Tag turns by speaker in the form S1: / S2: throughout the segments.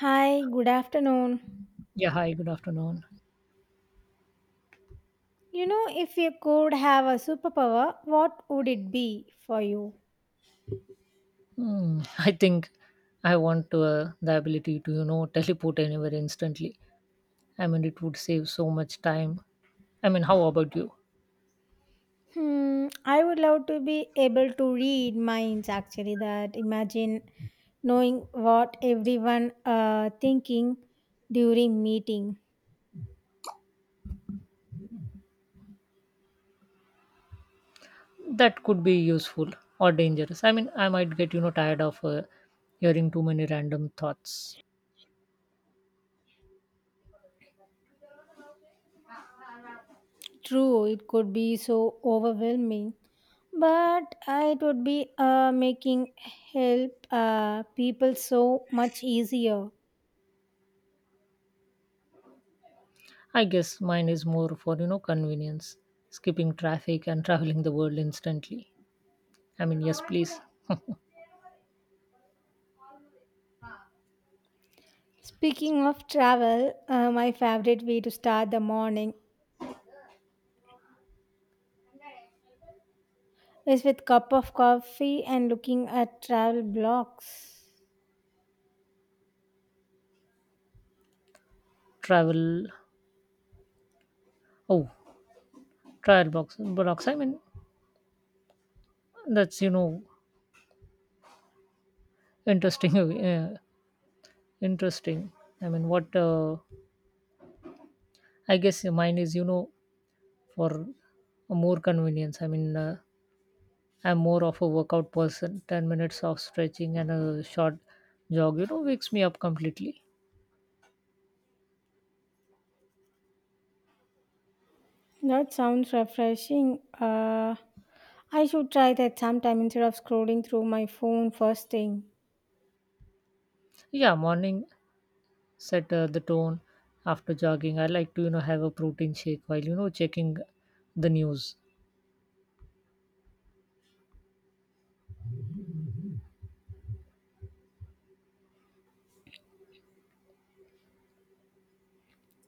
S1: Hi, good afternoon.
S2: Yeah, hi, good afternoon.
S1: You know, if you could have a superpower, what would it be for you?
S2: Hmm, I think I want the ability to teleport anywhere instantly. I mean, it would save so much time. I mean, how about you?
S1: Hmm, I would love to be able to read minds actually that imagine knowing what everyone thinking during meeting.
S2: That could be useful or dangerous. I mean, I might get tired of hearing too many random thoughts.
S1: True, it could be so overwhelming, but it would be making help people so much easier.
S2: I guess mine is more for convenience, skipping traffic and traveling the world instantly. I mean, yes, please.
S1: Speaking of travel, my favorite way to start the morning is with cup of coffee and looking at travel blogs.
S2: Travel. Oh, trial box. I mean, that's interesting. uh, Interesting. I mean, what. I guess mine is for more convenience. I mean, I'm more of a workout person. 10 minutes of stretching and a short jog, wakes me up completely.
S1: That sounds refreshing. I should try that sometime instead of scrolling through my phone first thing.
S2: Yeah, morning set the tone after jogging. I like to have a protein shake while checking the news.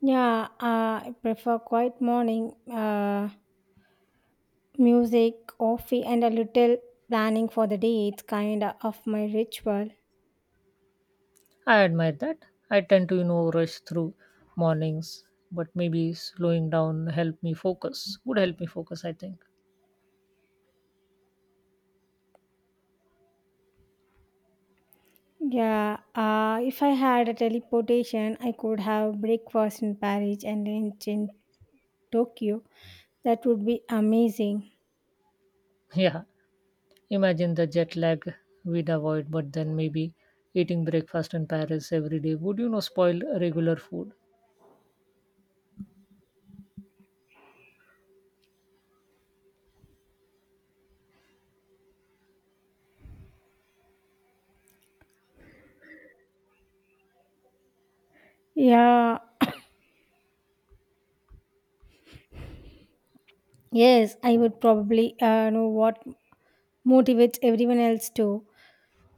S1: Yeah, I prefer quiet morning, music, coffee, and a little planning for the day. It's kind of my ritual.
S2: I admire that. I tend to rush through mornings, but maybe slowing down help me focus. Would help me focus, I think.
S1: Yeah, if I had a teleportation, I could have breakfast in Paris and lunch in Tokyo. That would be amazing.
S2: Yeah. Imagine the jet lag we'd avoid, but then maybe eating breakfast in Paris every day would spoil regular food.
S1: Yeah, yes, I would probably know what motivates everyone else too.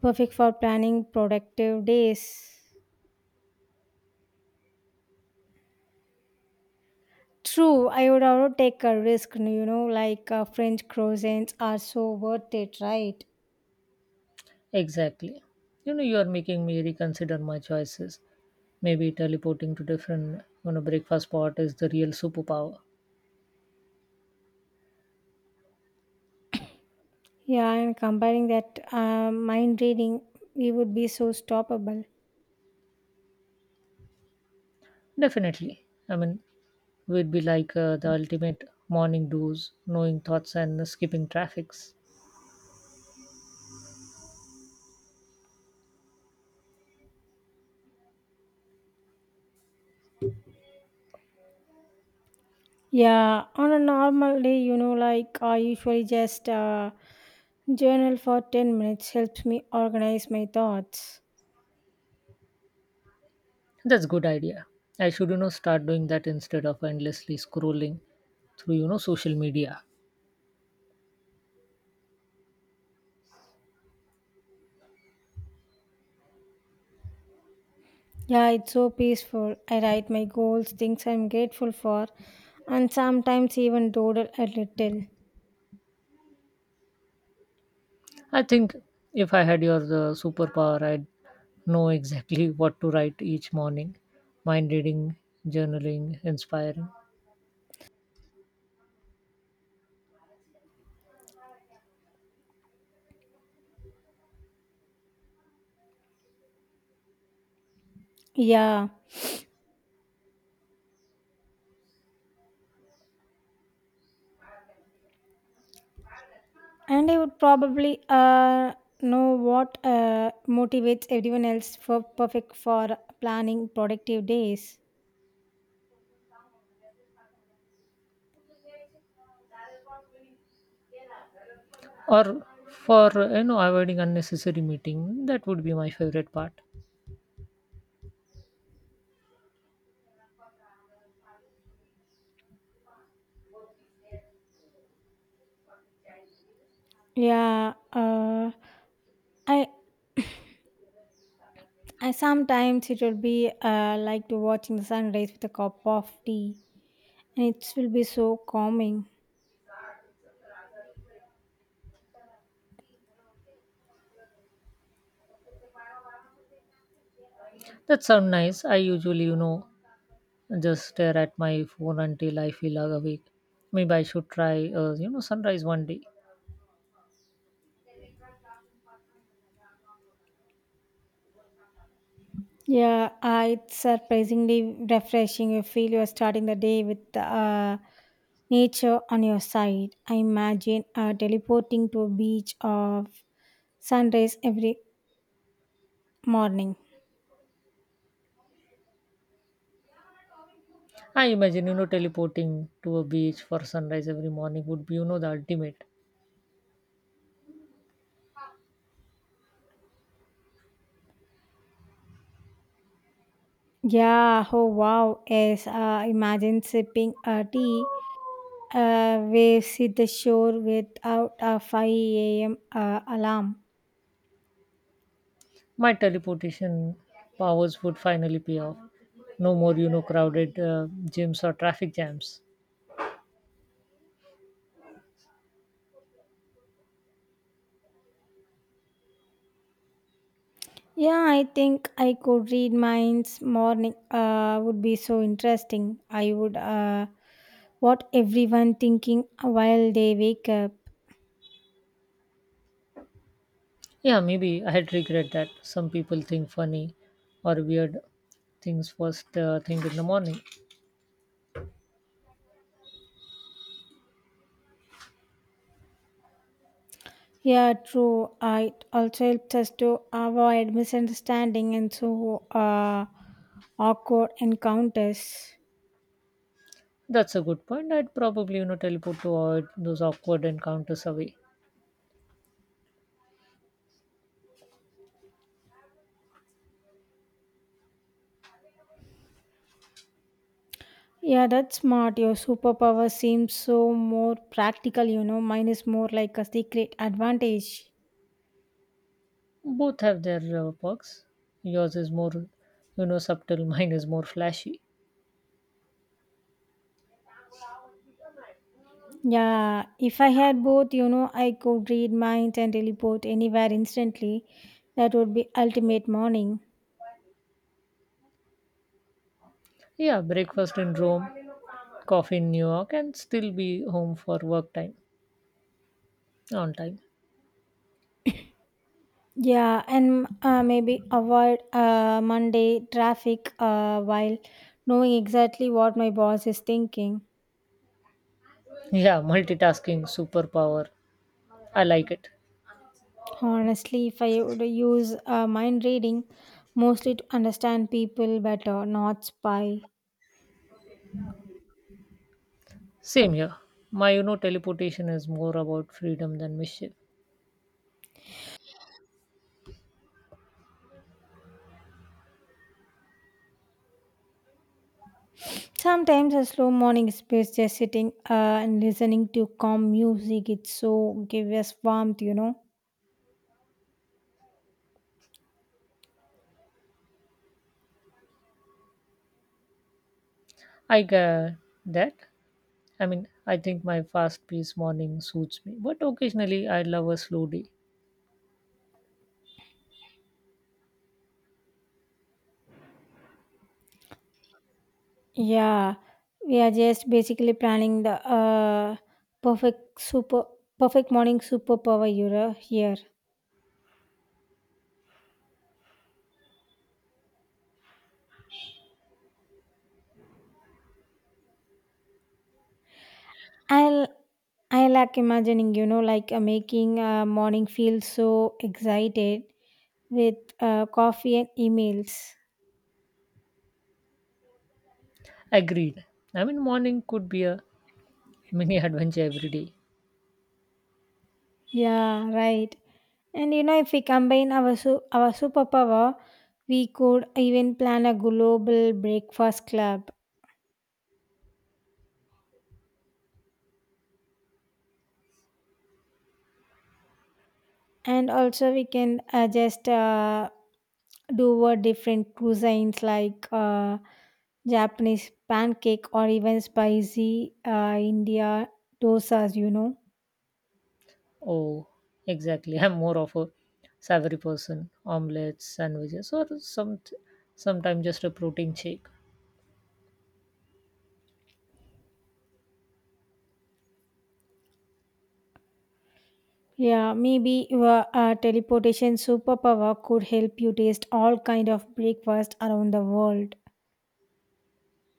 S1: Perfect for planning productive days. True, I would also take a risk, you know, like French croissants are so worth it, right?
S2: Exactly. You are making me reconsider my choices. Maybe teleporting to different breakfast spot is the real superpower.
S1: Yeah, and comparing that mind reading, we would be so stoppable.
S2: Definitely. I mean, we'd be like the ultimate morning do's, knowing thoughts and skipping traffics.
S1: Yeah, on a normal day, you know, like I usually just journal for 10 minutes, helps me organize my thoughts.
S2: That's good idea. I should start doing that instead of endlessly scrolling through social media.
S1: Yeah, it's so peaceful. I write my goals, things I'm grateful for, and sometimes even doodle a little.
S2: I think if I had your superpower, I'd know exactly what to write each morning. Mind reading, journaling, inspiring,
S1: Yeah, and I would probably know what motivates everyone else for perfect for planning productive days.
S2: or for avoiding unnecessary meeting. That would be my favorite part.
S1: Yeah, I And sometimes it will be like to watching the sunrise with a cup of tea, and it will be so calming.
S2: That sounds nice. I usually just stare at my phone until I feel awake. Maybe I should try sunrise one day.
S1: Yeah, it's surprisingly refreshing. You feel you are starting the day with nature on your side. I imagine teleporting to a beach of sunrise every morning.
S2: I imagine teleporting to a beach for sunrise every morning would be the ultimate.
S1: Yeah, oh wow, yes. Imagine sipping a tea. Waves hit the shore without a 5 a.m. Alarm.
S2: My teleportation powers would finally pay off. No more crowded gyms or traffic jams.
S1: Yeah, I think I could read minds morning would be so interesting. I would what everyone thinking while they wake up.
S2: Yeah, maybe I would regret that. Some people think funny or weird things first thing in the morning.
S1: Yeah, true. It also helps us to avoid misunderstanding and so awkward encounters.
S2: That's a good point. I'd probably teleport to avoid those awkward encounters away.
S1: Yeah, that's smart. Your superpower seems so more practical, you know. Mine is more like a secret advantage.
S2: Both have their perks. Yours is more subtle. Mine is more flashy.
S1: Yeah, if I had both, you know, I could read minds and teleport anywhere instantly. That would be ultimate morning.
S2: Yeah, breakfast in Rome, coffee in New York, and still be home for work time on time.
S1: Yeah, and maybe avoid Monday traffic while knowing exactly what my boss is thinking.
S2: Yeah, multitasking superpower. I like it.
S1: Honestly, if I would use mind reading, mostly to understand people better, not spy.
S2: Same here. My teleportation is more about freedom than mischief.
S1: Sometimes a slow morning space, just sitting and listening to calm music, it so gives us warmth, you know.
S2: I get that. I mean, I think my fast paced morning suits me, but occasionally I love a slow day.
S1: Yeah, we are just basically planning the perfect super perfect morning superpower euro here. I'll I like imagining, you know, like making morning feel so excited with coffee and emails.
S2: Agreed. I mean, morning could be a mini adventure every day.
S1: Yeah, right. And you know, if we combine our superpower, we could even plan a global breakfast club. And also we can just do a different cuisines like japanese pancake or even spicy india dosas, you know.
S2: Oh, exactly. I'm more of a savory person, omelets, sandwiches, or sometimes just a protein shake.
S1: Yeah, maybe your teleportation superpower could help you taste all kind of breakfast around the world.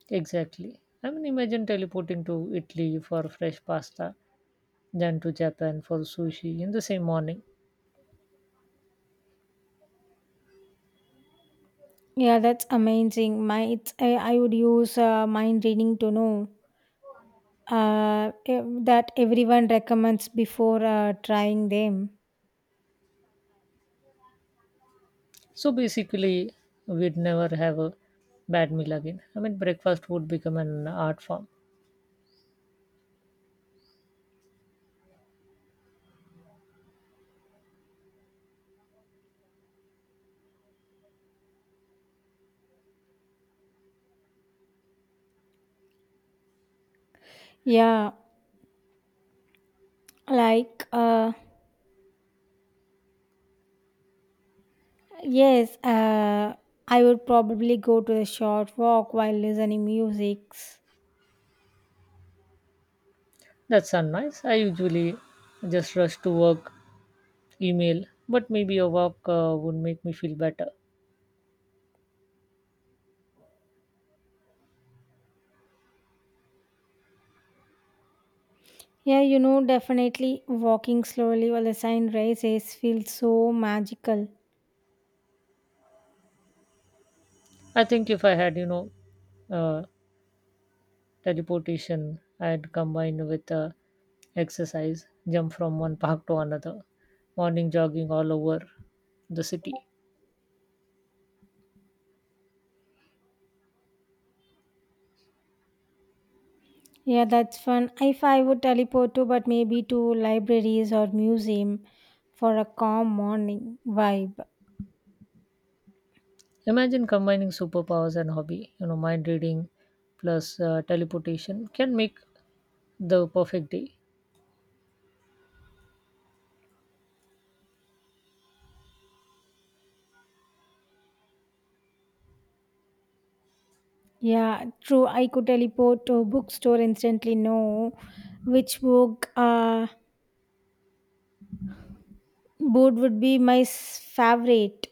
S2: Exactly. I mean, imagine teleporting to Italy for fresh pasta, then to Japan for sushi in the same morning.
S1: Yeah, that's amazing. I would use mind reading to know that everyone recommends before trying them.
S2: So basically, we'd never have a bad meal again. I mean, breakfast would become an art form.
S1: Yeah. Like, uh, yes, uh, I would probably go to a short walk while listening music.
S2: That's nice. I usually just rush to work, email, but maybe a walk would make me feel better.
S1: Yeah, you know, definitely walking slowly while the sun rises feels so magical.
S2: I think if I had, uh, teleportation I had combined with exercise, jump from one park to another, morning jogging all over the city.
S1: Yeah, that's fun. If I would teleport to, but maybe to libraries or museum for a calm morning vibe.
S2: Imagine combining superpowers and hobby, mind reading plus teleportation can make the perfect day.
S1: Yeah, true. I could teleport to a bookstore instantly. Know which book would be my favorite.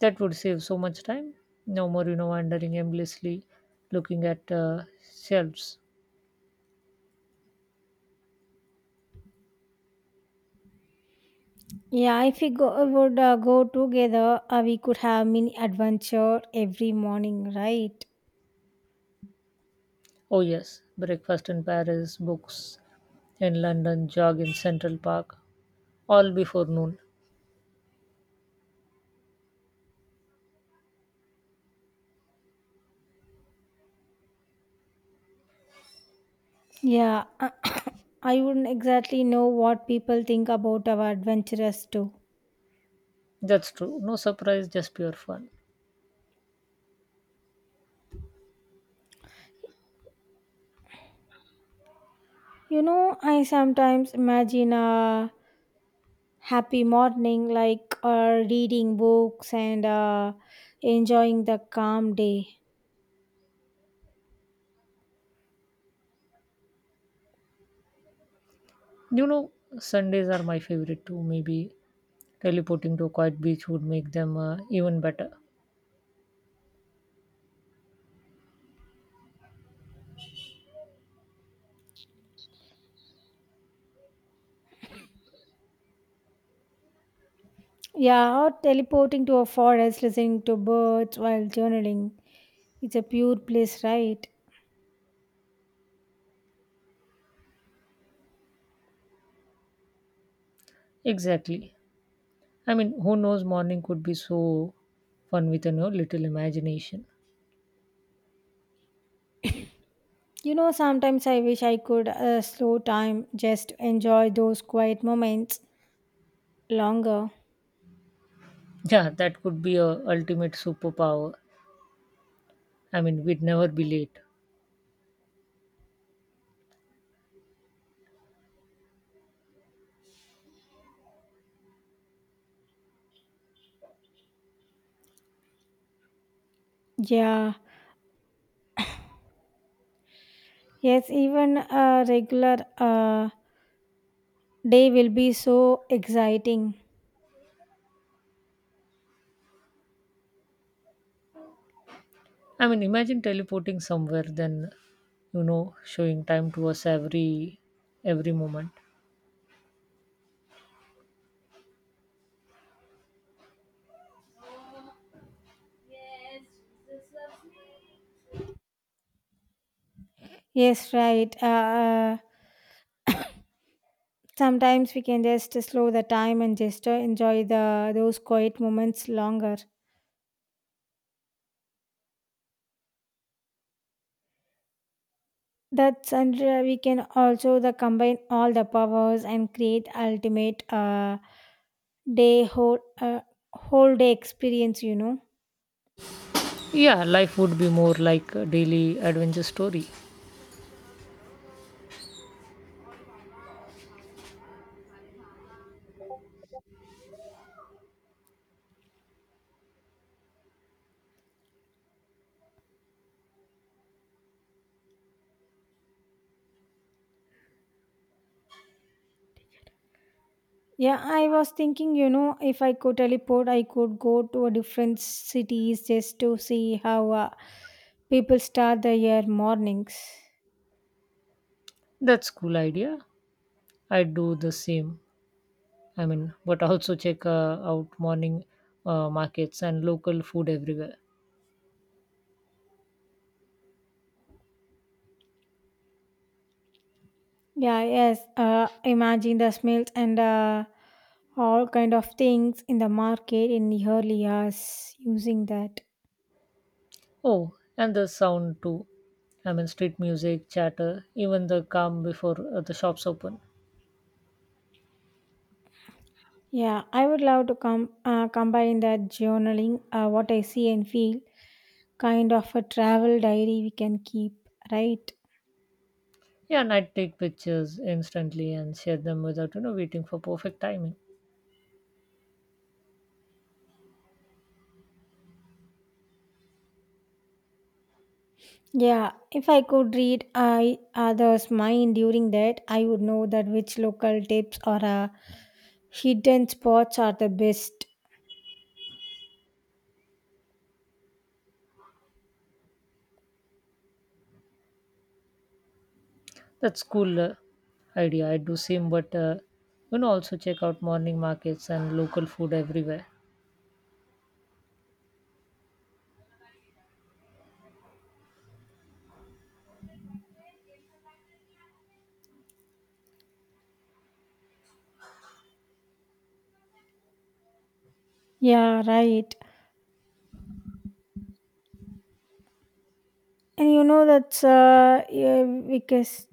S2: That would save so much time. No more wandering aimlessly looking at shelves.
S1: Yeah, if we go together, we could have mini adventure every morning, right?
S2: Oh, yes, breakfast in Paris, books in London, jog in Central Park, all before noon.
S1: Yeah, I wouldn't exactly know what people think about our adventurous too.
S2: That's true. No surprise, just pure fun.
S1: You know, I sometimes imagine a happy morning, like reading books and enjoying the calm day.
S2: You know, Sundays are my favorite too. Maybe teleporting to a quiet beach would make them even better.
S1: Yeah, or teleporting to a forest, listening to birds while journaling. It's a pure bliss, right?
S2: Exactly. I mean, who knows, morning could be so fun with a little imagination.
S1: You know, sometimes I wish I could slow time, just enjoy those quiet moments longer.
S2: Yeah, that could be a ultimate superpower. I mean, we'd never be late.
S1: Yeah, yes, even a regular day will be so exciting.
S2: I mean, imagine teleporting somewhere, then, showing time to us every moment.
S1: Yes, right. Sometimes we can just slow the time and just enjoy the those quiet moments longer. That's, and we can also the combine all the powers and create ultimate day whole whole day experience. You know.
S2: Yeah, life would be more like a daily adventure story.
S1: Yeah, I was thinking, you know, if I could teleport, I could go to a different cities just to see how people start their year mornings.
S2: That's cool idea. I do the same. I mean, but also check out morning markets and local food everywhere.
S1: Yeah, yes. Imagine the smells and all kind of things in the market in the early hours using that.
S2: Oh, and the sound too. I mean, street music, chatter, even the calm before the shops open.
S1: Yeah, I would love to combine that journaling, what I see and feel, kind of a travel diary we can keep, right?
S2: Yeah, and I take pictures instantly and share them without waiting for perfect timing.
S1: Yeah, if I could read I others' mind during that, I would know that which local tips or hidden spots are the best.
S2: That's cool idea. I do same, but also check out morning markets and local food everywhere.
S1: Yeah, right. And you know that's yeah, because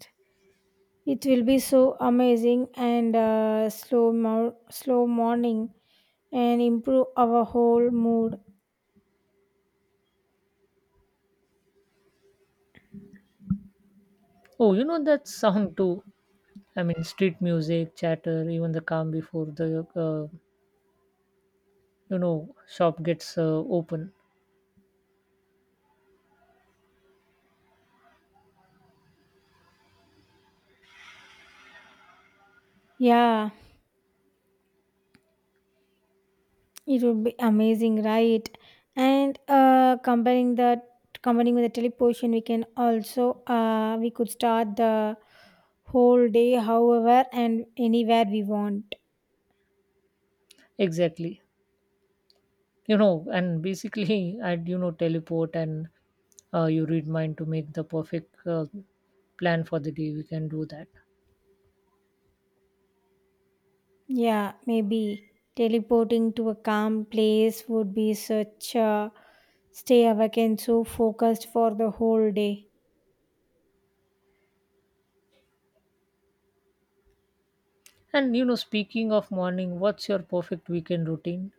S1: it will be so amazing and slow morning and improve our whole mood.
S2: Oh, that sound too. I mean, street music, chatter, even the calm before the shop gets open.
S1: Yeah. It would be amazing, right? And comparing the combining with the teleportation, we can also we could start the whole day, however and anywhere we want.
S2: Exactly, and basically, I'd teleport and you read mind to make the perfect plan for the day. We can do that.
S1: Yeah, maybe teleporting to a calm place would be such a stay awake and so focused for the whole day.
S2: And speaking of morning, what's your perfect weekend routine?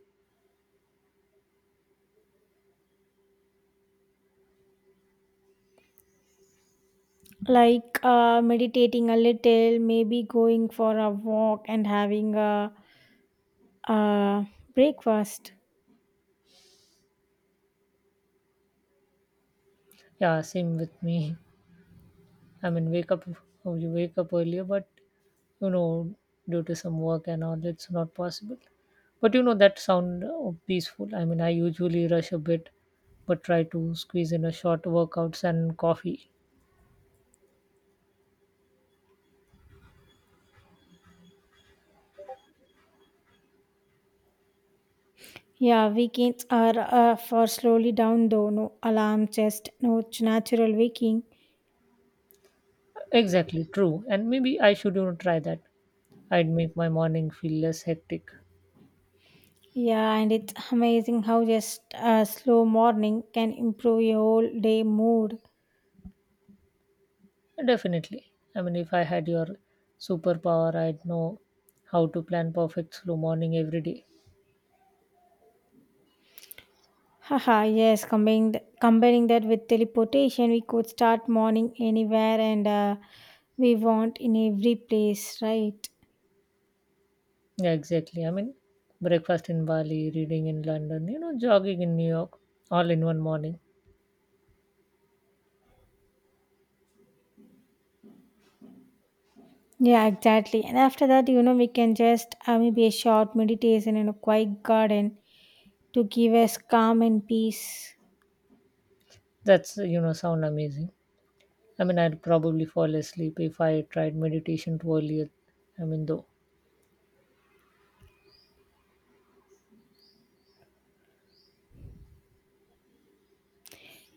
S1: Like meditating a little, maybe going for a walk and having a breakfast.
S2: Yeah, same with me. I mean, you wake up earlier, but you know, due to some work and all, it's not possible. But that sound peaceful. I mean, I usually rush a bit, but try to squeeze in a short workouts and coffee.
S1: Yeah, weekends are for slowly down though. No alarm, just no natural waking.
S2: Exactly, true. And maybe I should try that. I'd make my morning feel less hectic.
S1: Yeah, and it's amazing how just a slow morning can improve your whole day mood.
S2: Definitely. I mean, if I had your superpower, I'd know how to plan perfect slow morning every day.
S1: Haha, yes, comparing that with teleportation, we could start morning anywhere and we want in every place, right?
S2: Yeah, exactly. I mean, breakfast in Bali, reading in London, jogging in New York, all in one morning.
S1: Yeah, exactly. And after that, you know, we can just maybe a short meditation in a quiet garden to give us calm and peace.
S2: That's sound amazing. I mean, I'd probably fall asleep if I tried meditation too early. I mean, though,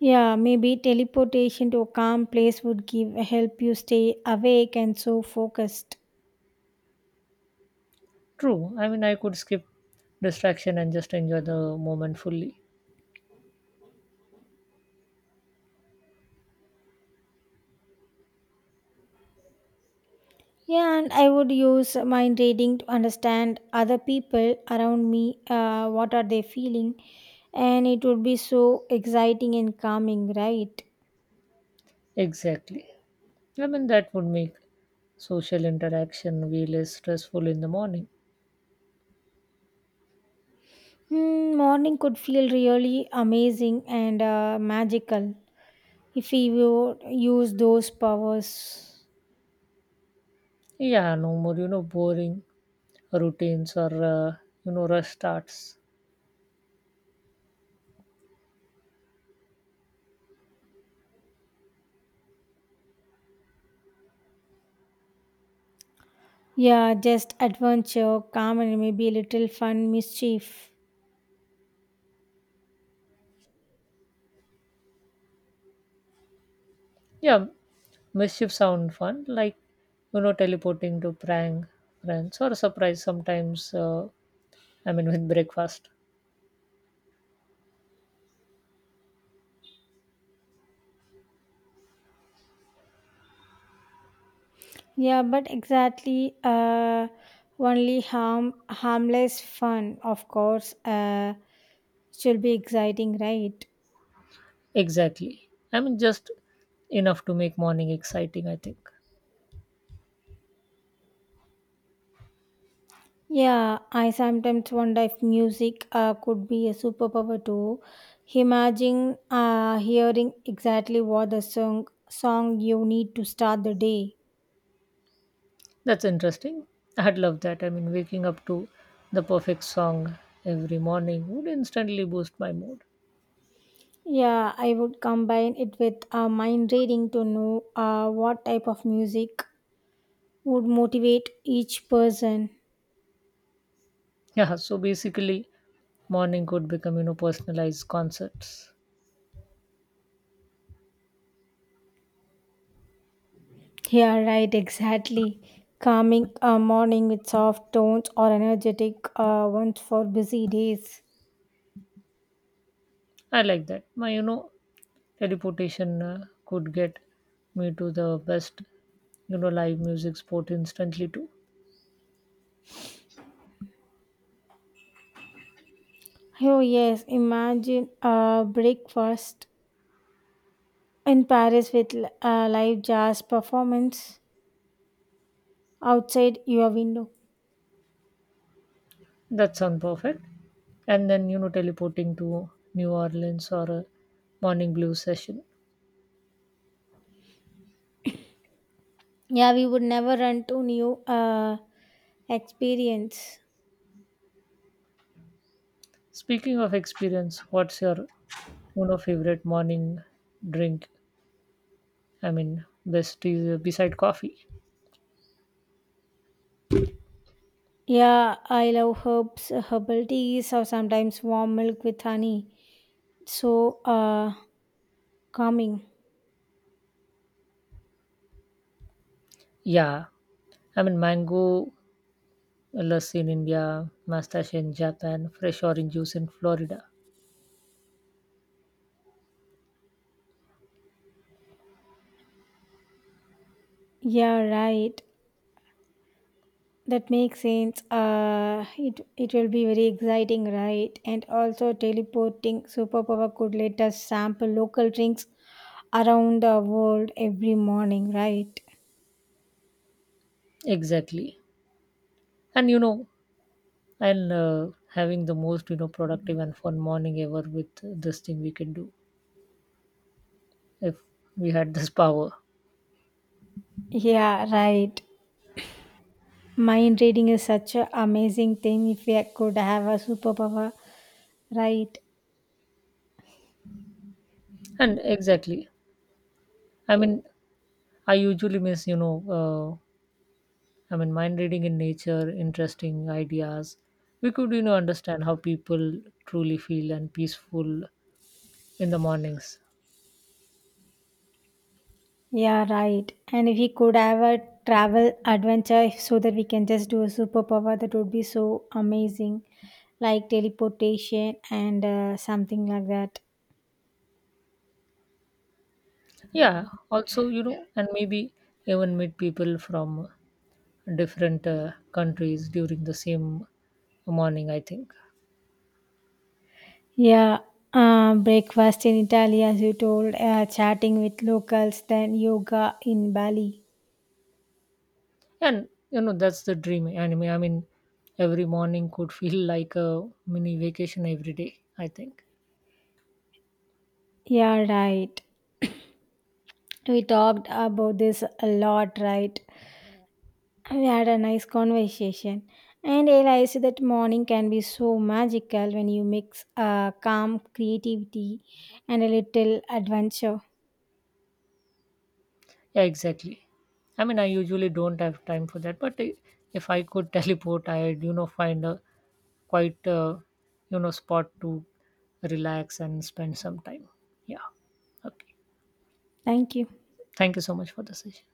S1: Yeah, maybe teleportation to a calm place would give help you stay awake and so focused.
S2: true. I mean, I could skip distraction and just enjoy the moment fully.
S1: Yeah, and I would use mind reading to understand other people around me, what are they feeling, and it would be so exciting and calming, right?
S2: Exactly. I mean, that would make social interaction way less stressful in the morning.
S1: Mm, morning could feel really amazing and magical if we would use those powers.
S2: Yeah, no more boring routines or rush starts.
S1: Yeah, just adventure, calm, and maybe a little fun mischief.
S2: Yeah, mischief sound fun, like teleporting to prank friends or surprise sometimes. I mean, with breakfast.
S1: Yeah, but exactly. Harmless fun, of course. Should be exciting, right?
S2: Exactly. I mean, just enough to make morning exciting. I think
S1: Yeah, I sometimes wonder if music could be a superpower too. Imagine hearing exactly what the song you need to start the day.
S2: that's interesting. I'd love that. I mean, waking up to the perfect song every morning would instantly boost my mood.
S1: Yeah, I would combine it with mind reading to know what type of music would motivate each person.
S2: Yeah. So basically, morning could become personalized concerts.
S1: Yeah, right, exactly. Calming a morning with soft tones or energetic ones for busy days.
S2: I like that. My teleportation could get me to the best live music spot instantly too.
S1: Oh, yes, imagine a breakfast in Paris with a live jazz performance outside your window.
S2: That sounds perfect, and then teleporting to New Orleans or a morning blues session.
S1: Yeah, we would never run to new experience.
S2: Speaking of experience, what's your favorite morning drink? I mean, best is beside coffee.
S1: Yeah, I love herbal teas, or sometimes warm milk with honey. So calming.
S2: Yeah, I mean, mango lassi in India, mustache in Japan, fresh orange juice in Florida.
S1: Yeah, right. That makes sense. It it will be very exciting, right? And also, teleporting superpower could let us sample local drinks around the world every morning, right?
S2: Exactly, and you know and having the most productive and fun morning ever with this thing we can do if we had this power.
S1: Yeah, right. Mind reading is such an amazing thing. If we could have a superpower, right?
S2: And exactly, I mean, I usually miss, I mean, mind reading in nature interesting ideas. We could understand how people truly feel and peaceful in the mornings.
S1: Yeah, right. And if we could have a travel adventure so that we can just do a superpower, that would be so amazing, like teleportation and something like that.
S2: Yeah, also and maybe even meet people from different countries during the same morning, I think.
S1: Yeah, breakfast in Italy, as you told, chatting with locals, then yoga in Bali.
S2: And that's the dream anime. I mean, every morning could feel like a mini vacation every day, I think.
S1: Yeah, right. We talked about this a lot, right? We had a nice conversation and realized that morning can be so magical when you mix calm creativity and a little adventure.
S2: Yeah, exactly. I mean, I usually don't have time for that, but if I could teleport, I'd find a quite spot to relax and spend some time. Yeah, okay.
S1: Thank you.
S2: Thank you so much for the session.